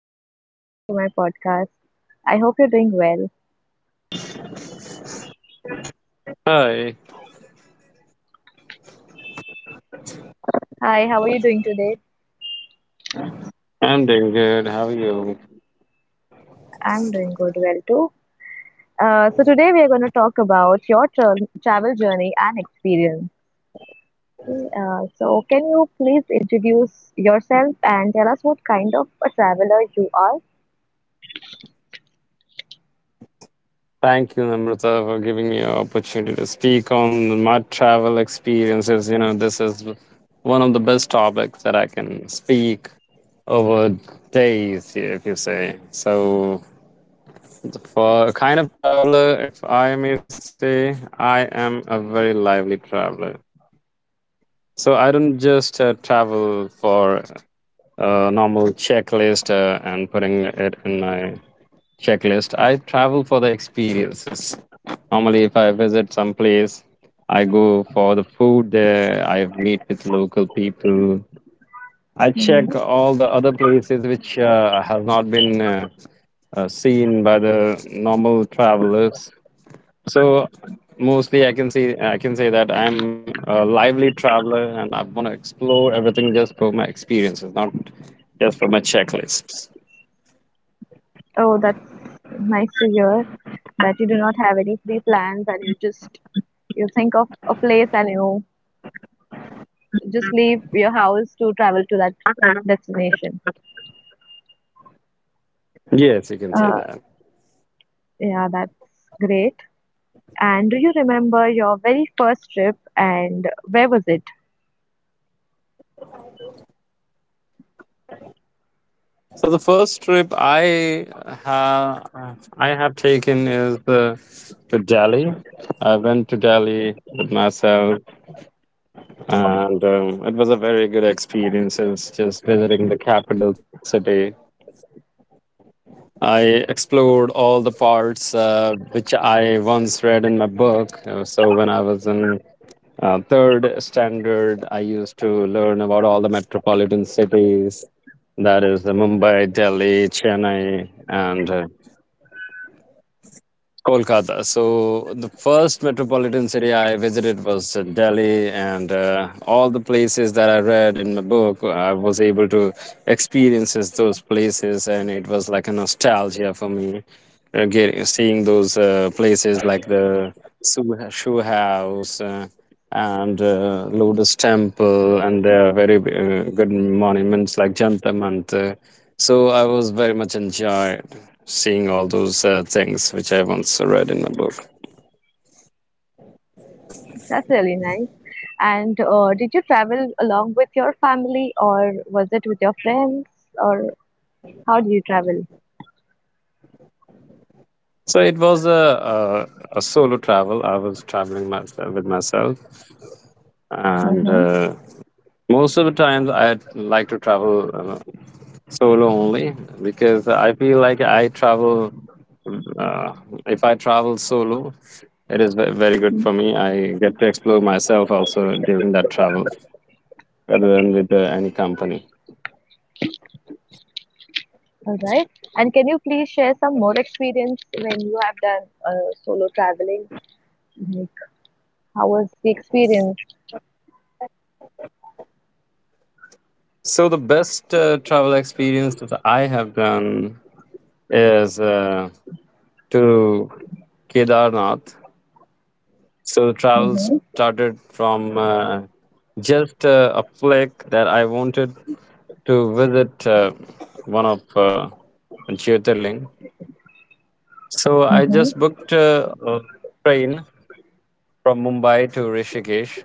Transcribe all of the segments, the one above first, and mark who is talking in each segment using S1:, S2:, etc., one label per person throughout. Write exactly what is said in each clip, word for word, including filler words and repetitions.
S1: Hello there. Welcome to my podcast. I hope you're doing well.
S2: Hi,
S1: Hi, how are you doing today?
S2: I'm doing good. How are you?
S1: I'm doing good, well too. Uh, so today we are going to talk about your tra- travel journey and experience. Okay, uh, so can you please introduce yourself and tell us what kind of a traveler you are?
S2: Thank you, Amrita, for giving me an opportunity to speak on my travel experiences. You know, this is one of the best topics that I can speak over days, if you say. So, for a kind of traveler, if I may say, I am a very lively traveler. So, I don't just uh, travel for a normal checklist uh, and putting it in my checklist. I travel for the experiences. Normally, if I visit some place, I go for the food there. I meet with local people. I
S1: hmm
S2: check all the other places which uh, has not been uh, uh, seen by the normal travelers. So mostly, I can see I can say that I'm a lively traveler and I want to explore everything just for my experiences, not just for my checklists.
S1: Oh, that's nice to hear that you do not have any pre-plans and you just you think of a place and you just leave your house to travel to that destination.
S2: Yes, you can say
S1: Uh,
S2: that.
S1: yeah, that's great. And do you remember your very first trip and where was it?
S2: So the first trip I ha- I have taken is the to Delhi. I went to Delhi with myself, and um, it was a very good experience. It's just visiting the capital city. I explored all the parts uh, which I once read in my book. Uh, So when I was in uh, third standard, I used to learn about all the metropolitan cities. That is the Mumbai, Delhi, Chennai, and uh, Kolkata. So the first metropolitan city I visited was uh, Delhi, and uh, all the places that I read in my book, I was able to experience those places, and it was like a nostalgia for me, uh, getting seeing those uh, places like the shoe, shoe house. Uh, and uh, Lotus Temple, and there are very uh, good monuments like Jantar Mantar. So I was very much enjoyed seeing all those uh, things which I once read in my book.
S1: That's really nice. And uh, did you travel along with your family or was it with your friends or how do you travel?
S2: So it was a, a, a solo travel. I was traveling myself with myself, and
S1: Mm-hmm.
S2: uh, most of the times I like to travel uh, solo only because I feel like I travel. Uh, if I travel solo, it is ve- very good for me. I get to explore myself also during that travel rather than with uh, any company.
S1: All right. And can you please share some more experience when you have done uh, solo traveling? How was the experience?
S2: So the best uh, travel experience that I have done is uh, to Kedarnath. So the travel
S1: Mm-hmm.
S2: started from uh, just uh, a flick that I wanted to visit uh, one of uh, Jyotirling. So I
S1: Mm-hmm.
S2: just booked uh, a train from Mumbai to Rishikesh,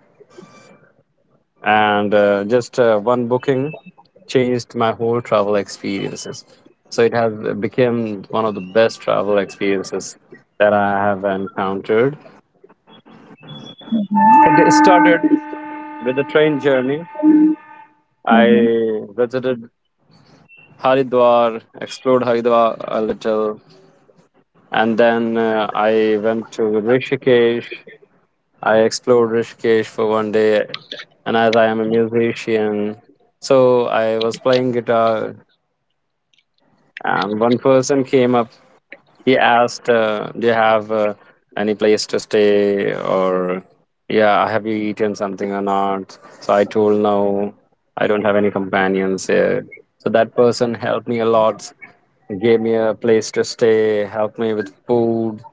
S2: and uh, just uh, one booking changed my whole travel experiences, so it has become one of the best travel experiences that I have encountered. It started with a train journey. I
S1: Mm-hmm.
S2: visited Haridwar, explored Haridwar a little, and then uh, I went to Rishikesh. I explored Rishikesh for one day, and as I am a musician, so I was playing guitar. And one person came up, he asked, uh, "Do you have uh, any place to stay? Or, yeah, have you eaten something or not?" So I told, "No, I don't have any companions here." So that person helped me a lot, gave me a place to stay, helped me with food.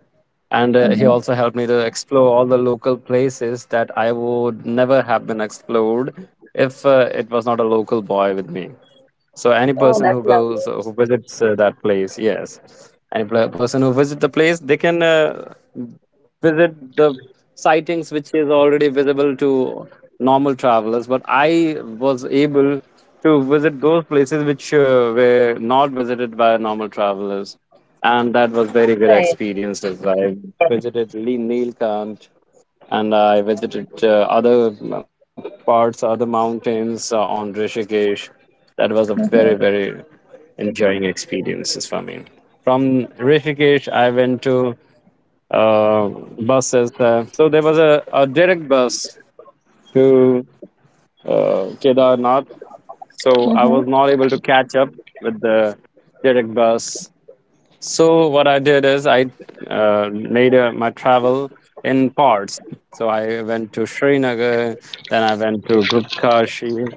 S2: And uh, he also helped me to explore all the local places that I would never have been explored if uh, it was not a local boy with me. So any
S1: Oh,
S2: person who
S1: that's lovely.
S2: goes uh, who visits uh, that place, yes, any pla person who visits the place, they can uh, visit the sightings which is already visible to normal travelers. But I was able to visit those places which uh, were not visited by normal travelers, and that was very good
S1: Right.
S2: experiences. I visited Lee Neelkanth, and I visited uh, other um, parts, other mountains uh, on Rishikesh. That was a very, very enjoying experiences for me. From Rishikesh, I went to uh, buses. Uh, so there was a, a direct bus to uh, Kedarnath. So I was
S1: Mm-hmm.
S2: not able to catch up with the direct bus, so what I did is I uh, made uh, my travel in parts. So I went to Srinagar, then I went to Guptkashi,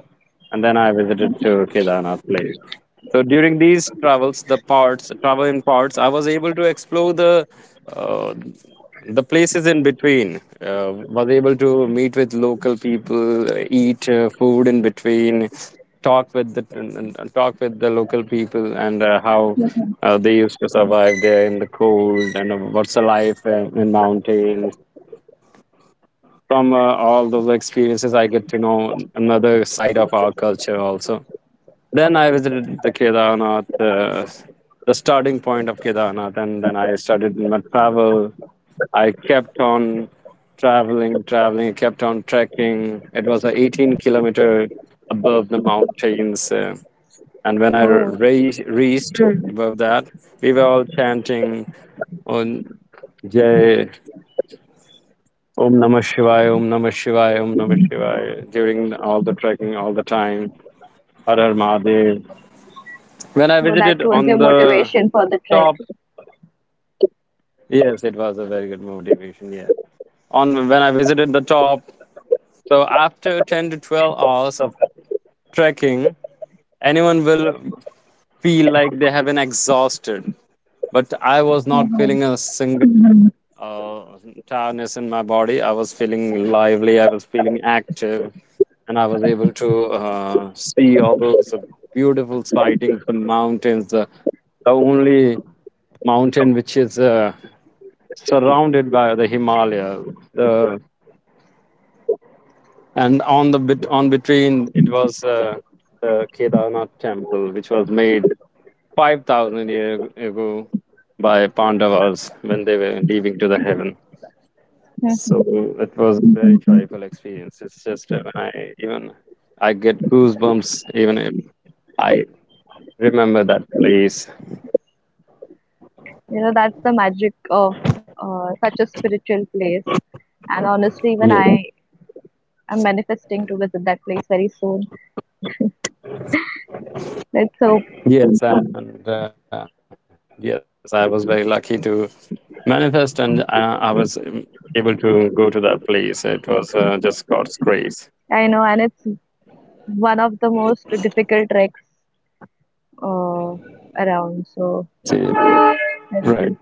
S2: and then I visited to Kedarnath place. So during these travels, the parts travel in parts, I was able to explore the uh, the places in between, uh, was able to meet with local people, uh, eat uh, food in between, talk with the and, and- and talk with the local people and uh, how uh, they used to survive there in the cold, and uh, what's the life uh, in mountains. From uh, all those experiences, I get to know another side of our culture also. Then I visited the Kedarnath, uh, the starting point of Kedarnath, and then I started my travel. I kept on traveling, traveling, kept on trekking. It was a eighteen kilometer above the mountains. Uh, and when I
S1: Oh,
S2: re- reached above that, we were all chanting on Jai Om Namah Shivaya, Om Namah Shivaya, Om Namah Shivaya during all the trekking, all the time. Har Har Mahadev. When I
S1: so that
S2: visited
S1: was your
S2: on the
S1: motivation for the
S2: top,
S1: trek.
S2: yes, it was a very good motivation. Yes, on when I visited the top, so after ten to twelve hours of trekking, anyone will feel like they have been exhausted. But I was not feeling a single uh, tiredness in my body. I was feeling lively, I was feeling active, and I was able to uh, see all those beautiful sightings, the mountains, the, the only mountain which is uh, surrounded by the Himalaya. The, and on the bit on between it was uh, the Kedarnath temple, which was made five thousand years ago by Pandavas when they were leaving to the heaven.
S1: Mhm,
S2: So
S1: mhm.
S2: it was a very joyful experience. It's just uh, when I even I get goosebumps even if I remember that place.
S1: You know, that's the magic of uh, such a spiritual place. And honestly, even
S2: Yeah.
S1: I am manifesting to visit that place very soon. Let's hope.
S2: Yes, and uh, yes, I was very lucky to manifest, and uh, I was um, able to go to that place. It was uh, just God's grace.
S1: I know, and it's one of the most difficult treks uh, around. So
S2: Yeah.
S1: let's
S2: Right.
S1: see.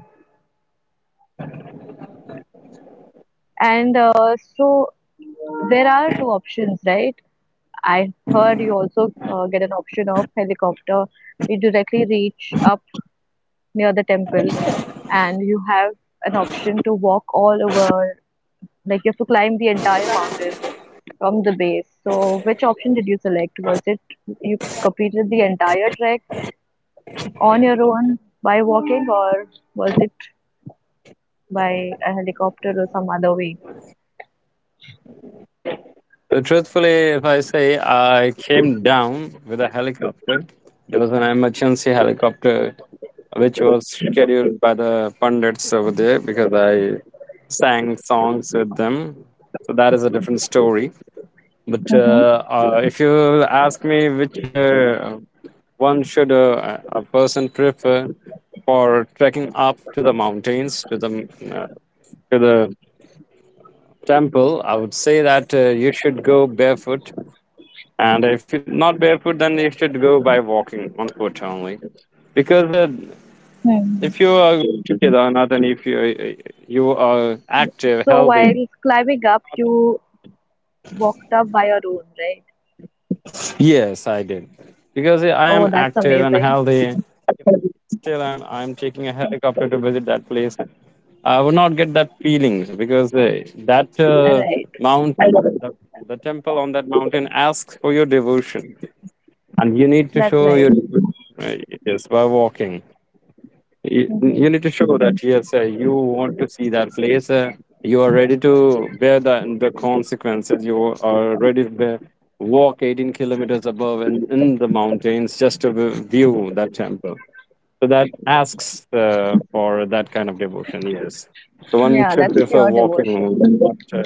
S1: And uh, so there are two options, right? I heard you also uh, get an option of helicopter. You directly reach up near the temple, and you have an option to walk all over, like you have to climb the entire mountain from the base. So, which option did you select? Was it you completed the entire trek on your own by walking, or was it by a helicopter or some other way?
S2: So truthfully, if I say, I came down with a helicopter. It was an emergency helicopter which was scheduled by the pundits over there because I sang songs with them. So that is a different story. But
S1: Mm-hmm.
S2: uh, uh, if you ask me which uh, one should uh, a a person prefer for trekking up to the mountains to the uh, to the temple, I would say that uh, you should go barefoot. And if it's not barefoot, then you should go by walking on foot only. Because uh,
S1: hmm
S2: if you are together or not, and if you you are active,
S1: So, while
S2: healthy.
S1: climbing up, you walked up by your own, right?
S2: Yes, I did. Because I am
S1: Oh, that's
S2: active and
S1: amazing.
S2: healthy, still I'm I'm taking a helicopter to visit that place, I would not get that feelings. Because uh, that uh,
S1: Right.
S2: mountain, the, the temple on that mountain asks for your devotion, and you need to
S1: That's
S2: show
S1: nice.
S2: your devotion, right? Yes, by walking. you,
S1: hmm
S2: you need to show that yes, uh, you want to see that place, uh, you are ready to bear the, the consequences, you are ready to bear, walk eighteen kilometers above in, in the mountains just to vi- view that temple. So that asks uh, for that kind of devotion, yes. So one
S1: Yeah,
S2: should
S1: that's
S2: prefer
S1: pure
S2: walking
S1: devotion.
S2: than not uh,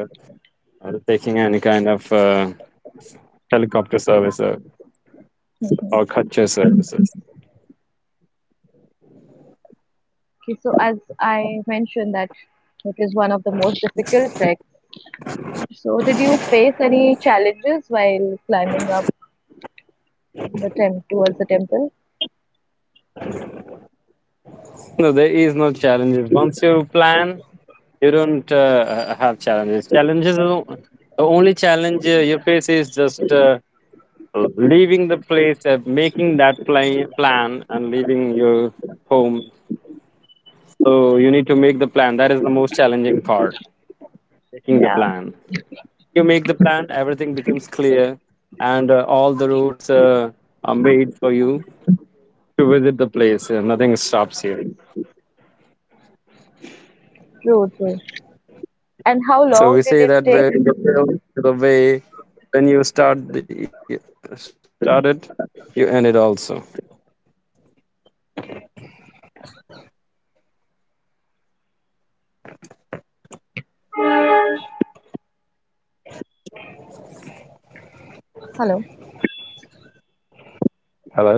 S2: uh, taking any kind of uh, helicopter service uh, or
S1: hmm
S2: kutcher services.
S1: Okay, so as I mentioned that it is one of the most difficult treks. So did you face any challenges while climbing up the temp towards the temple?
S2: No, there is no challenges. Once you plan, you don't uh, uh, have challenges. Challenges, are o- the only challenge uh, you face is just uh, leaving the place, uh, making that pla- plan, and leaving your home. So you need to make the plan. That is the most challenging part, making the
S1: Yeah,
S2: plan. You make the plan, everything becomes clear, and uh, all the routes uh, are made for you to visit the place. Uh, nothing stops you.
S1: true, true. And how
S2: So we
S1: long did
S2: say
S1: it
S2: that
S1: take?
S2: way the way when you start the started, you end it also.
S1: Hello.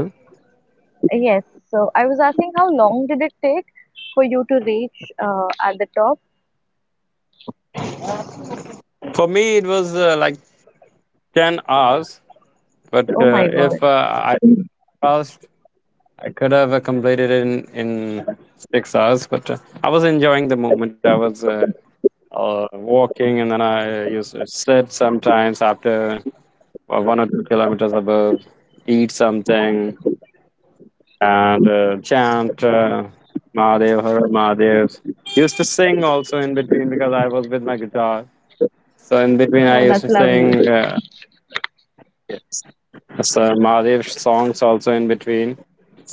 S2: Hello.
S1: Yes. So I was asking how long did it take for you to reach uh, at the top?
S2: For me, it was uh, like ten hours, but
S1: Oh
S2: uh,
S1: my
S2: if
S1: God.
S2: uh, I fast, I could have uh, completed it in in six hours. But uh, I was enjoying the moment. I was. Uh, uh, walking and then I uh, used to sit sometimes after uh, one or two kilometers above, eat something, and uh, chant uh, Mahadev, Har Har Mahadev. Used to sing also in between because I was with my guitar. So in between, I
S1: Oh,
S2: used to sing uh, some Mahadev songs also in between.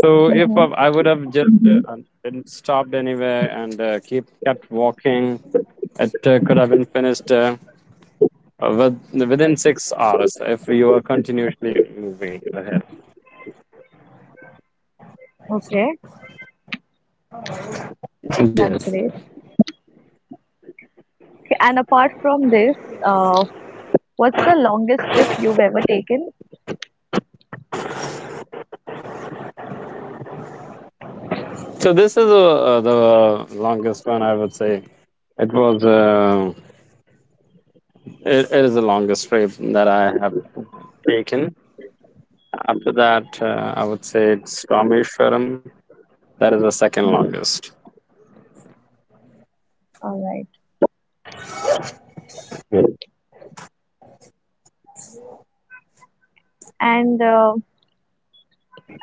S2: So if I
S1: mm-hmm.
S2: I would have just uh, didn't stopped anywhere and uh, keep kept walking, it uh, could have been finished uh, with, within six hours if you were continuously moving ahead.
S1: Okay, that's
S2: Yes.
S1: great. Okay, and apart from this, uh, what's the longest trip you've ever taken?
S2: So this is uh uh, the longest one I would say. It was uh, it, it is the longest trip that I have taken. After that, uh, I would say it's Rameshwaram. That is the second longest.
S1: All right. And uh,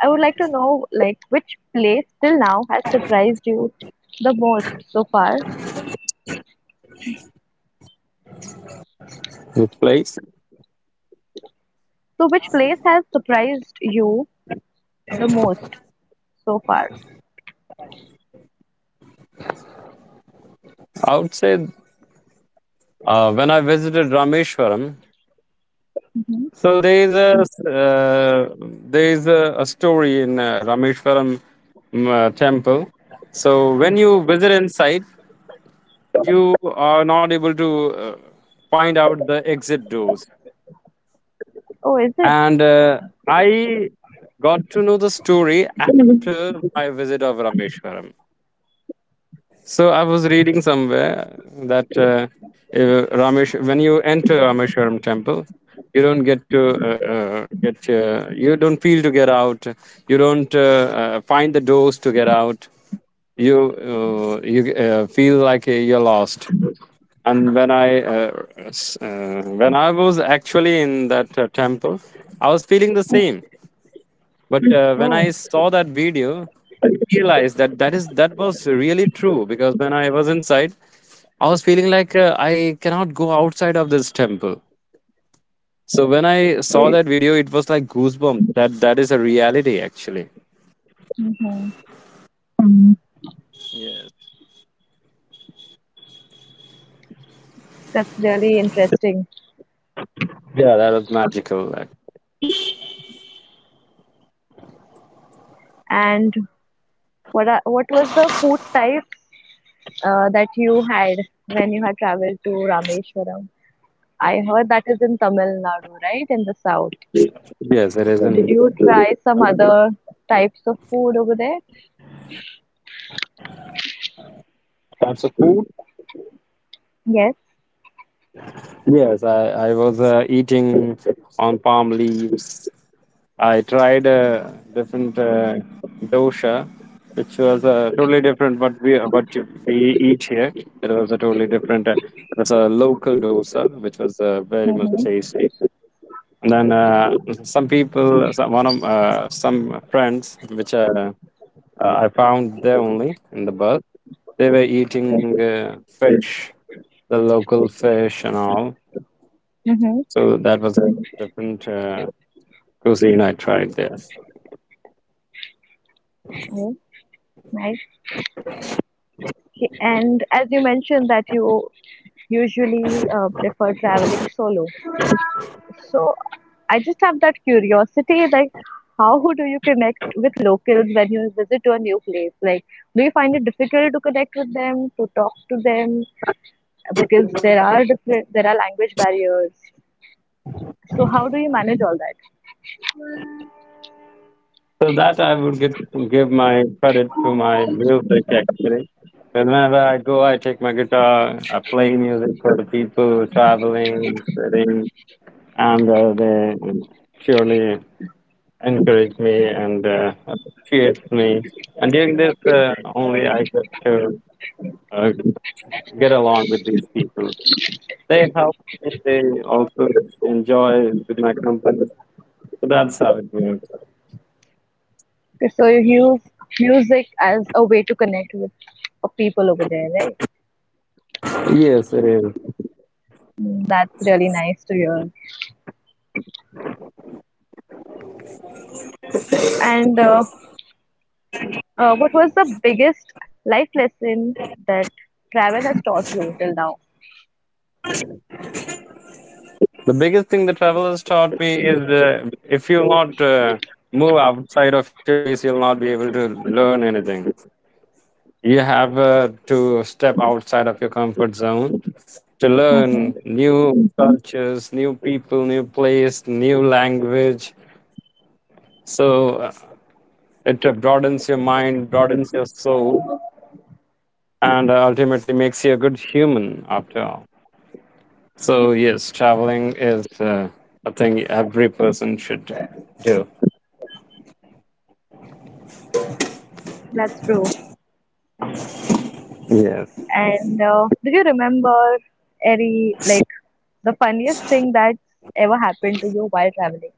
S1: I would like to know, like, which place till now has surprised you the most so far?
S2: This place,
S1: So, which place has surprised you the most so far?
S2: I would say, uh, when I visited Rameshwaram,
S1: hmm
S2: so there is a uh, there is a, a story in uh, Rameshwaram um, uh, temple. So when you visit inside, you are not able to uh, find out the exit doors.
S1: Oh, is it?
S2: And uh, I got to know the story after my visit of Rameshwaram. So I was reading somewhere that uh, if Ramesh, when you enter Rameshwaram temple, you don't get to uh, uh, get uh, you don't feel to get out. You don't uh, uh, find the doors to get out. You uh, you uh, feel like uh, you're lost. and when i uh, s- uh, when I was actually in that uh, temple, I was feeling the same. But uh, when I
S1: Oh,
S2: saw that video, I realized that that is that was really true, because when I was inside, I was feeling like uh, I cannot go outside of this temple. So when I saw that video, it was like goosebumps, that that is a reality actually.
S1: mm-hmm. That's really interesting.
S2: Yeah, that was magical like,
S1: And what are, what was the food type uh, that you had when you had traveled to Rameshwaram? I heard that is in Tamil Nadu, right, in the south.
S2: Yes, it is
S1: So, did
S2: in.
S1: you try some other types of food over there?
S2: Types of food.
S1: Yes.
S2: Yes, I, I was uh, eating on palm leaves. I tried a different uh, dosha, which was uh, totally different what we what you- we eat here. It was a totally different. Uh, it was a local dosa, which was uh, very much
S1: Mhm.
S2: tasty. And then uh, Some people, some, one of uh, some friends, which uh, uh, I found there only in the bus, they were eating uh, fish, the local fish and all.
S1: Mhm.
S2: So that was a different uh, cuisine I tried there.
S1: Yeah, nice. And as you mentioned that you usually uh, prefer traveling solo, so I just have that curiosity, like how do you connect with locals when you visit to a new place? Like, do you find it difficult to connect with them, to talk to them, because there are different, there are language barriers. So how do you manage all that?
S2: So that I would get, give my credit to my music actually. Whenever I go, I take my guitar, I play music for the people traveling, sitting, and uh, they surely encourage me and uh, appreciate me. And during this, uh, only I get to uh, get along with these people. They help me. They also enjoy with my company. So that's how it works.
S1: So you use music as a way to connect with people over there, right?
S2: Yes, it is.
S1: Mm, that's really nice to hear. And uh, uh, what was the biggest life lesson that travel has taught you till now?
S2: The biggest thing the travelers taught me is uh, if you not uh, move outside of your place, you'll not be able to learn anything. You have uh, to step outside of your comfort zone to learn
S1: hmm
S2: new cultures, new people, new place, new language. So uh, it uh, broadens your mind, broadens your soul, and uh, ultimately makes you a good human after all. So yes, traveling is uh, a thing every person should do.
S1: That's true.
S2: Yes.
S1: And uh, do you remember any like the funniest thing that's ever happened to you while traveling?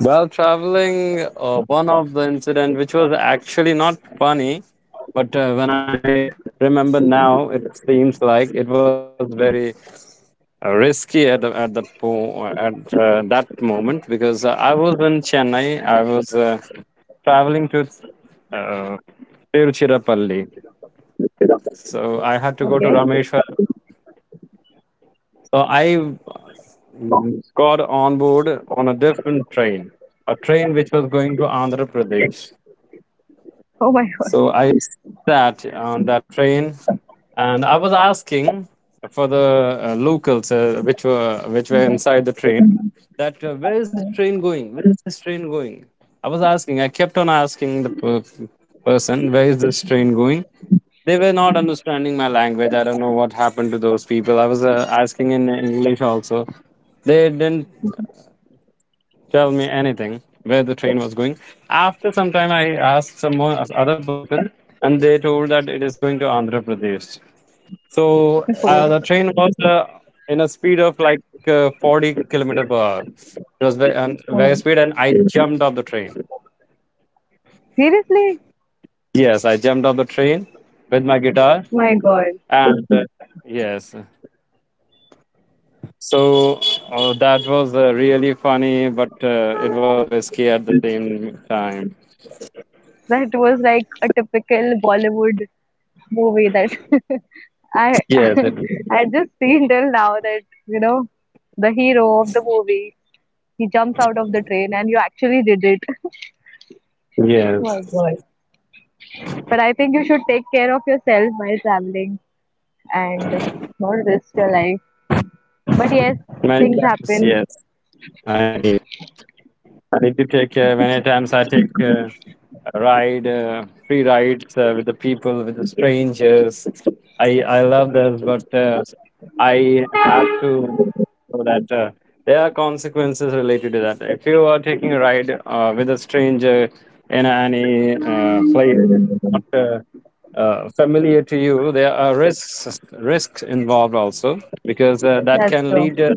S2: Well, traveling. Uh, one of the incident which was actually not funny, but uh, when I remember now, it seems like it was very uh, risky at the- at the po- at uh, that moment, because uh, I was in Chennai. I was uh, traveling to uh, Tiruchirappalli. So I had to go to
S1: Okay.
S2: Rameshwar. So I got on board on a different train, a train which was going to Andhra Pradesh.
S1: Oh my God.
S2: So I sat on that train, and I was asking for the uh, locals uh, which were which were inside the train, that uh, where is this train going? Where is this train going? I was asking. I kept on asking the per- person, where is this train going. They were not understanding my language. I don't know what happened to those people. I was uh, asking in English also, they didn't tell me anything where the train was going. After some time, I asked some more other person, and they told that it is going to Andhra Pradesh. So uh,
S1: Oh,
S2: the train was uh, in a speed of like uh, forty kilometer per hour. It was very, um, very
S1: oh.
S2: speed, and I jumped off the train.
S1: Seriously?
S2: Yes, I jumped off the train with my guitar,
S1: My God.
S2: and uh, yes. So uh that was uh, really funny, but uh, it was risky at the same time.
S1: That was like a typical Bollywood movie that I
S2: Yes, it,
S1: I just seen till now that you know the hero of the movie. He jumps out of the train, and you actually did it. Right.
S2: yes.
S1: But I think you should take care of yourself while traveling and not risk your life. But yes,
S2: Many
S1: things
S2: times,
S1: happen.
S2: yes. I need. I need to take. Uh, many times I take. Uh, ride uh, free rides uh, with the people with the strangers. I i love this, but uh, I have to know that uh, there are consequences related to that. If you are taking a ride uh, with a stranger in any uh, place not uh, uh, familiar to you, there are risks risks involved also, because uh, that
S1: That's
S2: can
S1: true.
S2: lead uh,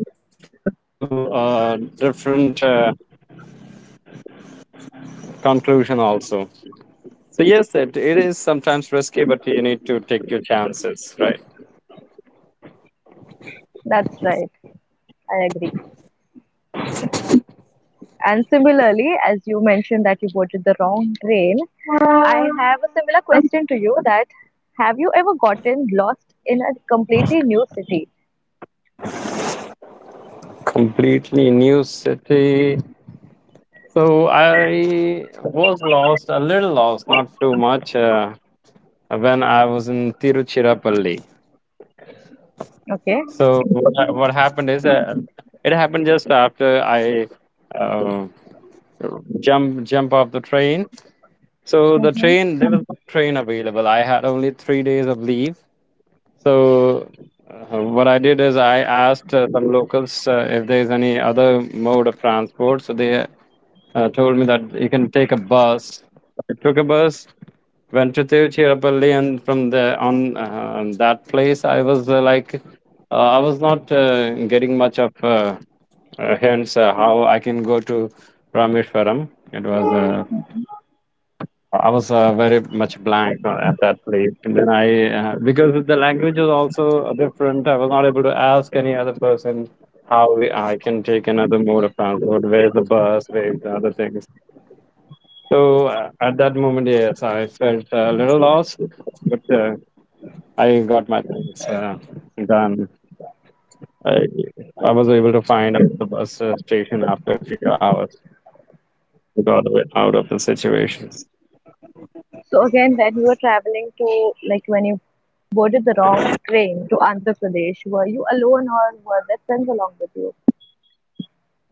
S2: to uh, different uh, conclusion also. So yes, it, it is sometimes risky, but you need to take your chances, right?
S1: That's right. I agree. And similarly, as you mentioned that you boarded the wrong train, I have a similar question to you that have you ever gotten lost in a completely new city?
S2: Completely new city. So I was lost, a little lost, not too much, uh, when I was in Tiruchirappalli.
S1: Okay.
S2: So what, ha- what happened is, uh, it happened just after I uh, jump jump off the train. So the
S1: hmm
S2: train, there was no train available. I had only three days of leave. So Uh, what I did is I asked uh, some locals uh, if there is any other mode of transport. So they uh, told me that you can take a bus. I took a bus, went to Tiruchirappalli, and from the on uh, that place, I was uh, like, uh, I was not uh, getting much of uh, uh, hints uh, how I can go to Rameshwaram. It was uh, I was uh, very much blank uh, at that place. And then I, uh, because the language was also different, I was not able to ask any other person how we, I can take another mode of transport, where's the bus, where's the other things. So uh, at that moment, yes, I felt a little lost, but uh, I got my things uh, done. I, I was able to find the bus uh, station after a few hours to got away- out of the situation.
S1: So again, when you were traveling to, like when you boarded the wrong train to Andhra Pradesh, were you alone or were there friends along with you?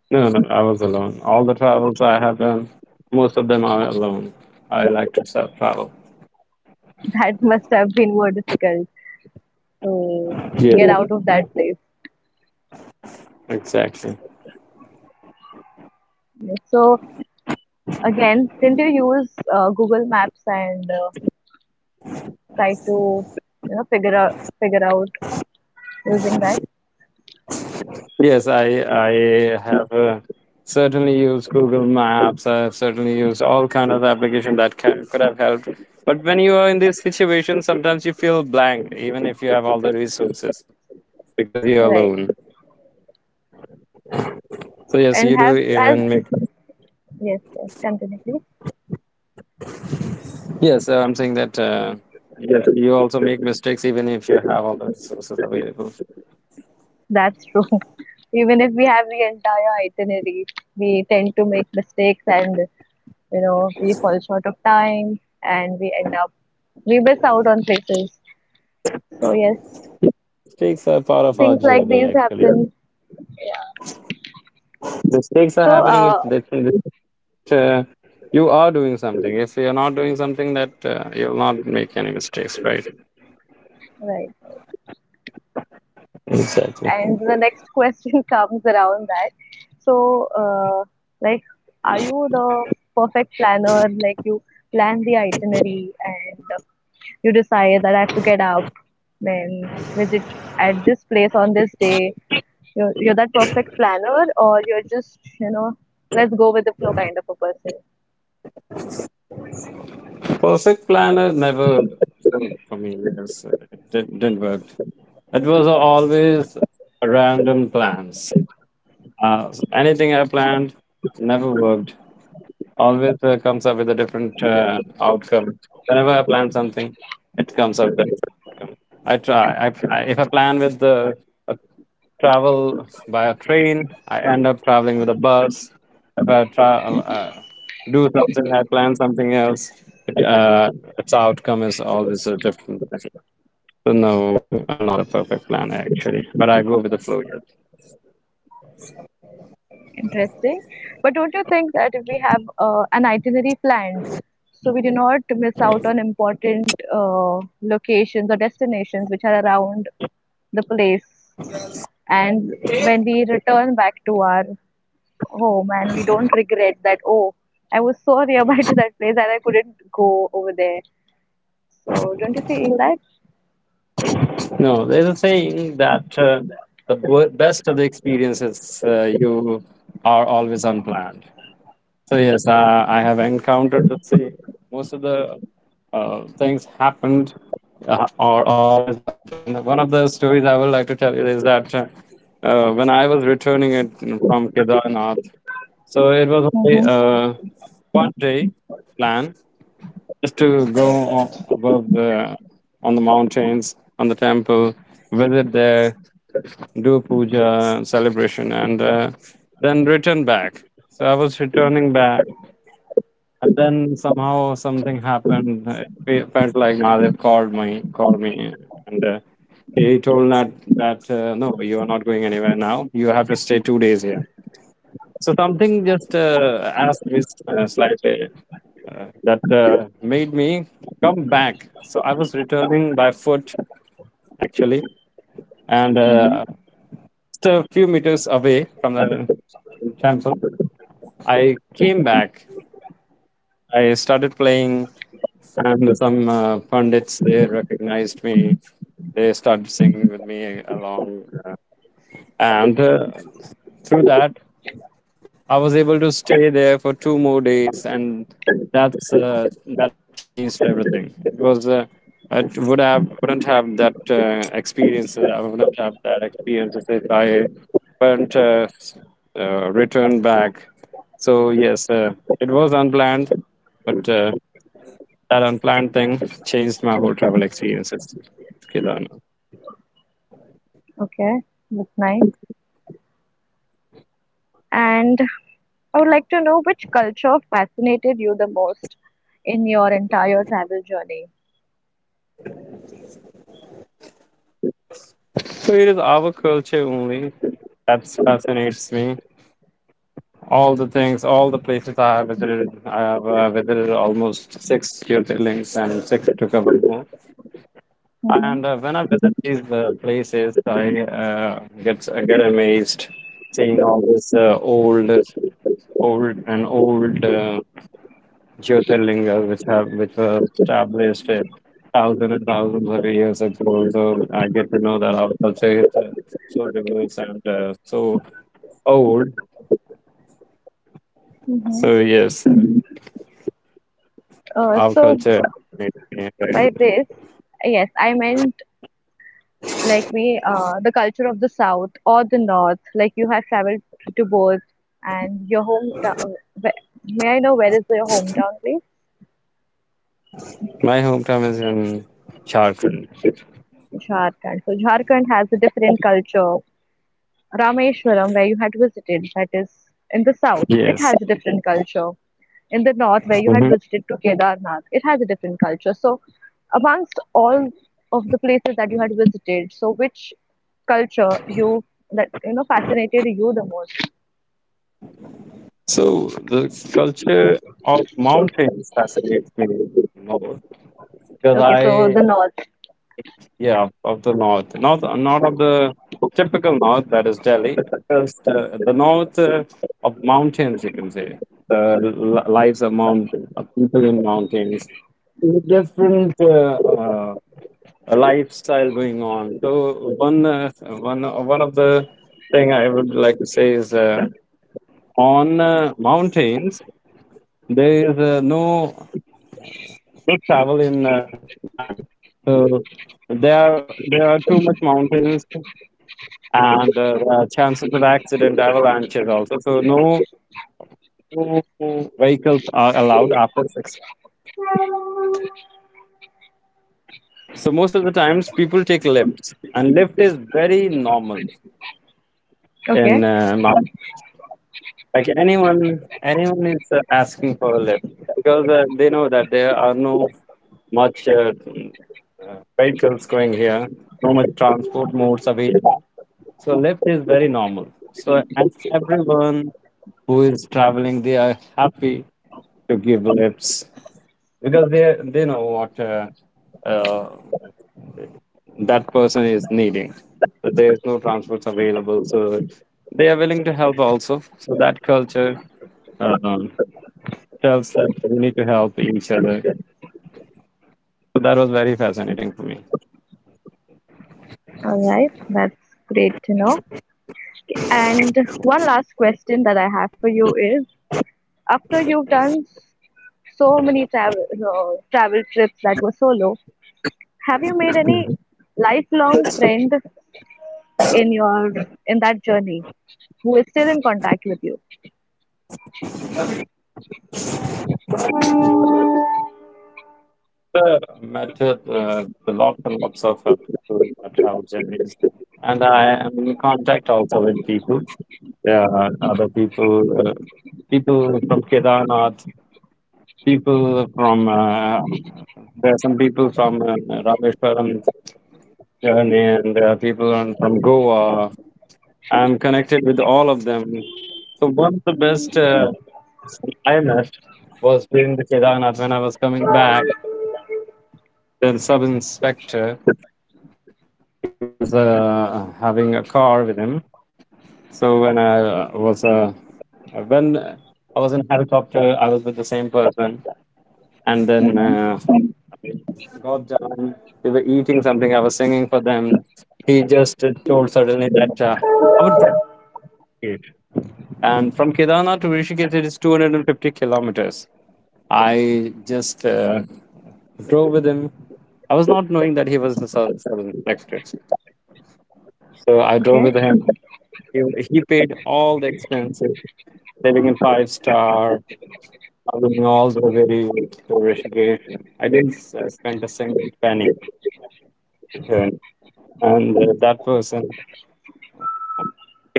S2: No, no, I was alone. All the travels I have done, most of them are alone. I like to self travel.
S1: That must have been more difficult to
S2: Yeah,
S1: get out of that place.
S2: exactly.
S1: So again, didn't you use uh, Google Maps and uh, try to, you know, figure out figure out using that?
S2: Yes, I I have uh, certainly used Google Maps. I have certainly used all kind of application that ca could have helped. But when you are in this situation, sometimes you feel blank, even if you have all the resources, because you're alone.
S1: Right.
S2: So yes, you do
S1: And have
S2: even
S1: as
S2: make.
S1: yes, yes, continue please.
S2: Yes, uh, I'm saying that. Uh, yeah, you also make mistakes even if you have all the resources available.
S1: That's true. Even if we have the entire itinerary, we tend to make mistakes and you know we fall short of time and we end up we miss out on places, so yes,
S2: Mistakes are part of our
S1: things like
S2: journey,
S1: these
S2: actually.
S1: happen.
S2: Mistakes are
S1: so
S2: happening. It's
S1: uh,
S2: That's in uh, you are doing something. If you're not doing something, that uh, you'll not make any mistakes, right?
S1: right
S2: Exactly.
S1: and the next question comes around that so uh, like, are you the perfect planner, like you plan the itinerary and you decide that I have to get up, then visit at this place on this day. You're, you're that perfect planner, or you're just, you know, let's go with the flow kind of a person.
S2: Perfect planner never worked for me. Yes, it didn't, didn't work. It was always random plans. Uh, anything I planned never worked. Always uh, comes up with a different uh, outcome. Whenever I plan something, it comes up. I try. I, I, if I plan with the a travel by a train, I end up traveling with a bus. If I try, uh, uh, do something, I plan something else. It, uh, its outcome is always a different thing. So no, I'm not a perfect planner actually, but I go with the flow. Yes.
S1: Interesting. But don't you think that if we have uh, an itinerary planned, so we do not miss out on important uh, locations or destinations which are around the place, and when we return back to our, oh man, we don't regret that. Oh, I was so nearby to that place and I couldn't go over there. So don't you feel that?
S2: No, there's a saying that uh, the wo- best of the experiences uh, you are always unplanned. So yes, uh, I have encountered the same. Most of the uh, things happened uh, are always unplanned. One of the stories I would like to tell you is that uh, uh, when I was returning it from Kedarnath, so it was only
S1: Mm-hmm.
S2: uh, one day plan, just to go on, above the on the mountains, on the temple, visit there, do puja celebration, and uh, then return back. So I was returning back, and then somehow something happened. It fe- felt like Nadib called me, called me, and uh, he told that that uh, no, you are not going anywhere now. You have to stay two days here. So something just uh, asked me uh, slightly uh, that uh, made me come back. So I was returning by foot actually, and uh,
S1: Mm-hmm.
S2: just a few meters away from the temple, I came back. I started playing. And some uh, pundits, they recognized me. They started singing with me along, uh, and uh, through that I was able to stay there for two more days, and that's uh, that changed everything. It was. Uh, I would have wouldn't have that uh, experience. I wouldn't have that experience if I weren't uh, uh, returned back. So yes, uh, it was unplanned, but uh, that unplanned thing changed my whole travel experience. It's Kedarnath.
S1: Okay, that's nice. And I would like to know which culture fascinated you the most in your entire travel journey.
S2: So it is our culture only that fascinates me. All the things, all the places I have visited, I have uh, visited almost six Jyotirlings and six to cover more.
S1: Mm-hmm.
S2: And uh, when I visit these uh, places, I uh, get I get amazed seeing all this uh, old, old and old. Uh, Jyotirlinga, which have which were established uh, thousands and thousands of years ago. So I get to know that our culture is uh, so diverse and uh, so old.
S1: Mm-hmm.
S2: So yes,
S1: Uh,
S2: our
S1: so
S2: culture is very
S1: by
S2: much.
S1: this, yes, I meant like we uh, the culture of the south or the north, like you have traveled to both. And your hometown, may I know where is your hometown, please?
S2: My hometown is in Jharkhand.
S1: Jharkhand, so Jharkhand has a different culture. Rameshwaram, where you had visited, that is in the south, it
S2: Yes.
S1: has a different culture. In the north, where you
S2: Hmm.
S1: had visited to Kedarnath, it has a different culture. So amongst all of the places that you had visited, so which culture you, that you know, fascinated you the most?
S2: So the culture of mountains fascinates me more because
S1: Okay, so
S2: I.
S1: the north.
S2: Yeah, of the north, north, not of the typical north that is Delhi. It's the, the north uh, of mountains, you can say. The li- lives of mountain of people in mountains, different uh, uh, lifestyle going on. So one, uh, one, one of the thing I would like to say is uh, on uh, mountains there is uh, no good travel in uh, night. So there, are, there are too much mountains, and uh, uh, chances of accident, avalanches also. So no no vehicles are allowed after six. So most of the times people take lifts, and lift is very normal
S1: Okay,
S2: in uh, Mal- like anyone anyone is uh, asking for a lift, because uh, they know that there are no much uh, uh, vehicles going here, no much transport modes available. So lift is very normal. So and everyone who is traveling, they are happy to give lifts, because they they know what uh, uh, that person is needing. So there is no transports available, so they are willing to help also. So that culture um, tells that we need to help each other. So that was very fascinating for me.
S1: all right, that's great to know. And one last question that I have for you is, after you've done so many travel uh, travel trips that were solo, have you made any lifelong friend in your in that journey who is still in contact with you?
S2: Uh, met uh, the lots and lots of uh, people in my travel journeys, and I am in contact also with people. Yeah, other people, uh, people from Kedarnath, people from uh, there are some people from uh, Rameshwaram journey, and there are people on, from Goa. I'm connected with all of them. So one of the best uh, I met was during the Kedarnath when I was coming back. The sub inspector, he was uh, having a car with him. So when I uh, was uh, when I was in helicopter, I was with the same person, and then. Uh, got done. We were eating something. I was singing for them. He just uh, told suddenly that uh, I would. Pray. And from Kedarnath to Rishikesh, it is two hundred fifty kilometers. I just uh, drove with him. I was not knowing that he was the southern, southern sector. So I drove
S1: Okay,
S2: with him. He, he paid all the expenses, living in five star, traveling all the way to Rishikesh. I didn't uh, spend a single penny. In return. And uh, that person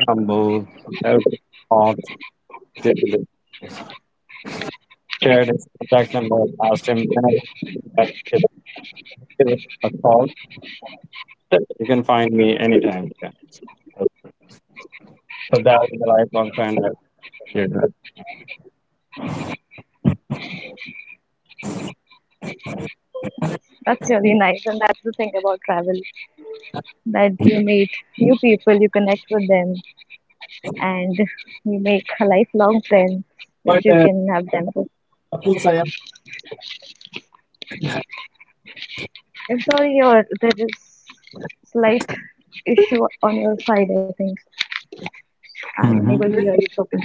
S2: I move no off the chair contact number. Asked him that if he give a call. You can find me anytime. Yeah. So that was a lifelong friend that you.
S1: that's really nice, and that's the thing about travel that you meet new people, you connect with them, and you make a lifelong friend which
S2: But,
S1: you
S2: uh,
S1: can have them with. I'm sorry, your there is slight issue on your side. I think I'm
S2: Mhm.
S1: unable to hear you properly.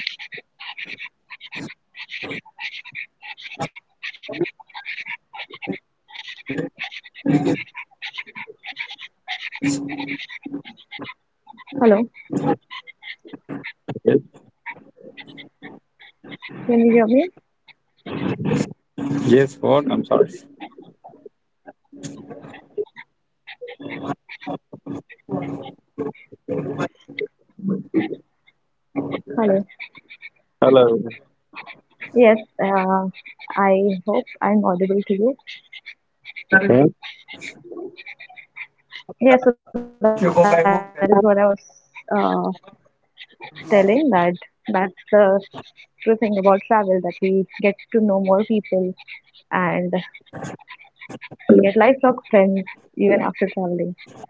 S1: Hello,
S2: Yes,
S1: can you hear me?
S2: yes, what? I'm sorry.
S1: Hello.
S2: Hello.
S1: Yes. Uh, I hope I'm audible to you.
S2: Okay.
S1: Yes. So that is what I was uh, telling, that that's the true thing about travel that we get to know more people, and we get lifelong friends even after traveling.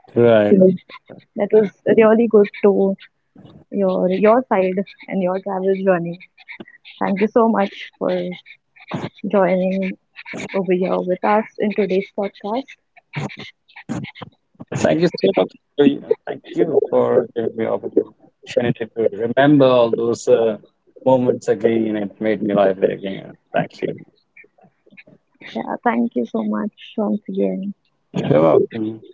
S1: So.
S2: Right.
S1: That was really good to your your side and your travel journey. Thank you so much for joining over here with us in today's podcast.
S2: Thank you so much. for- Thank you for giving me opportunity to remember all those uh, moments again. It made me lively again. Thank you.
S1: Yeah, thank you so much once again.
S2: You're welcome.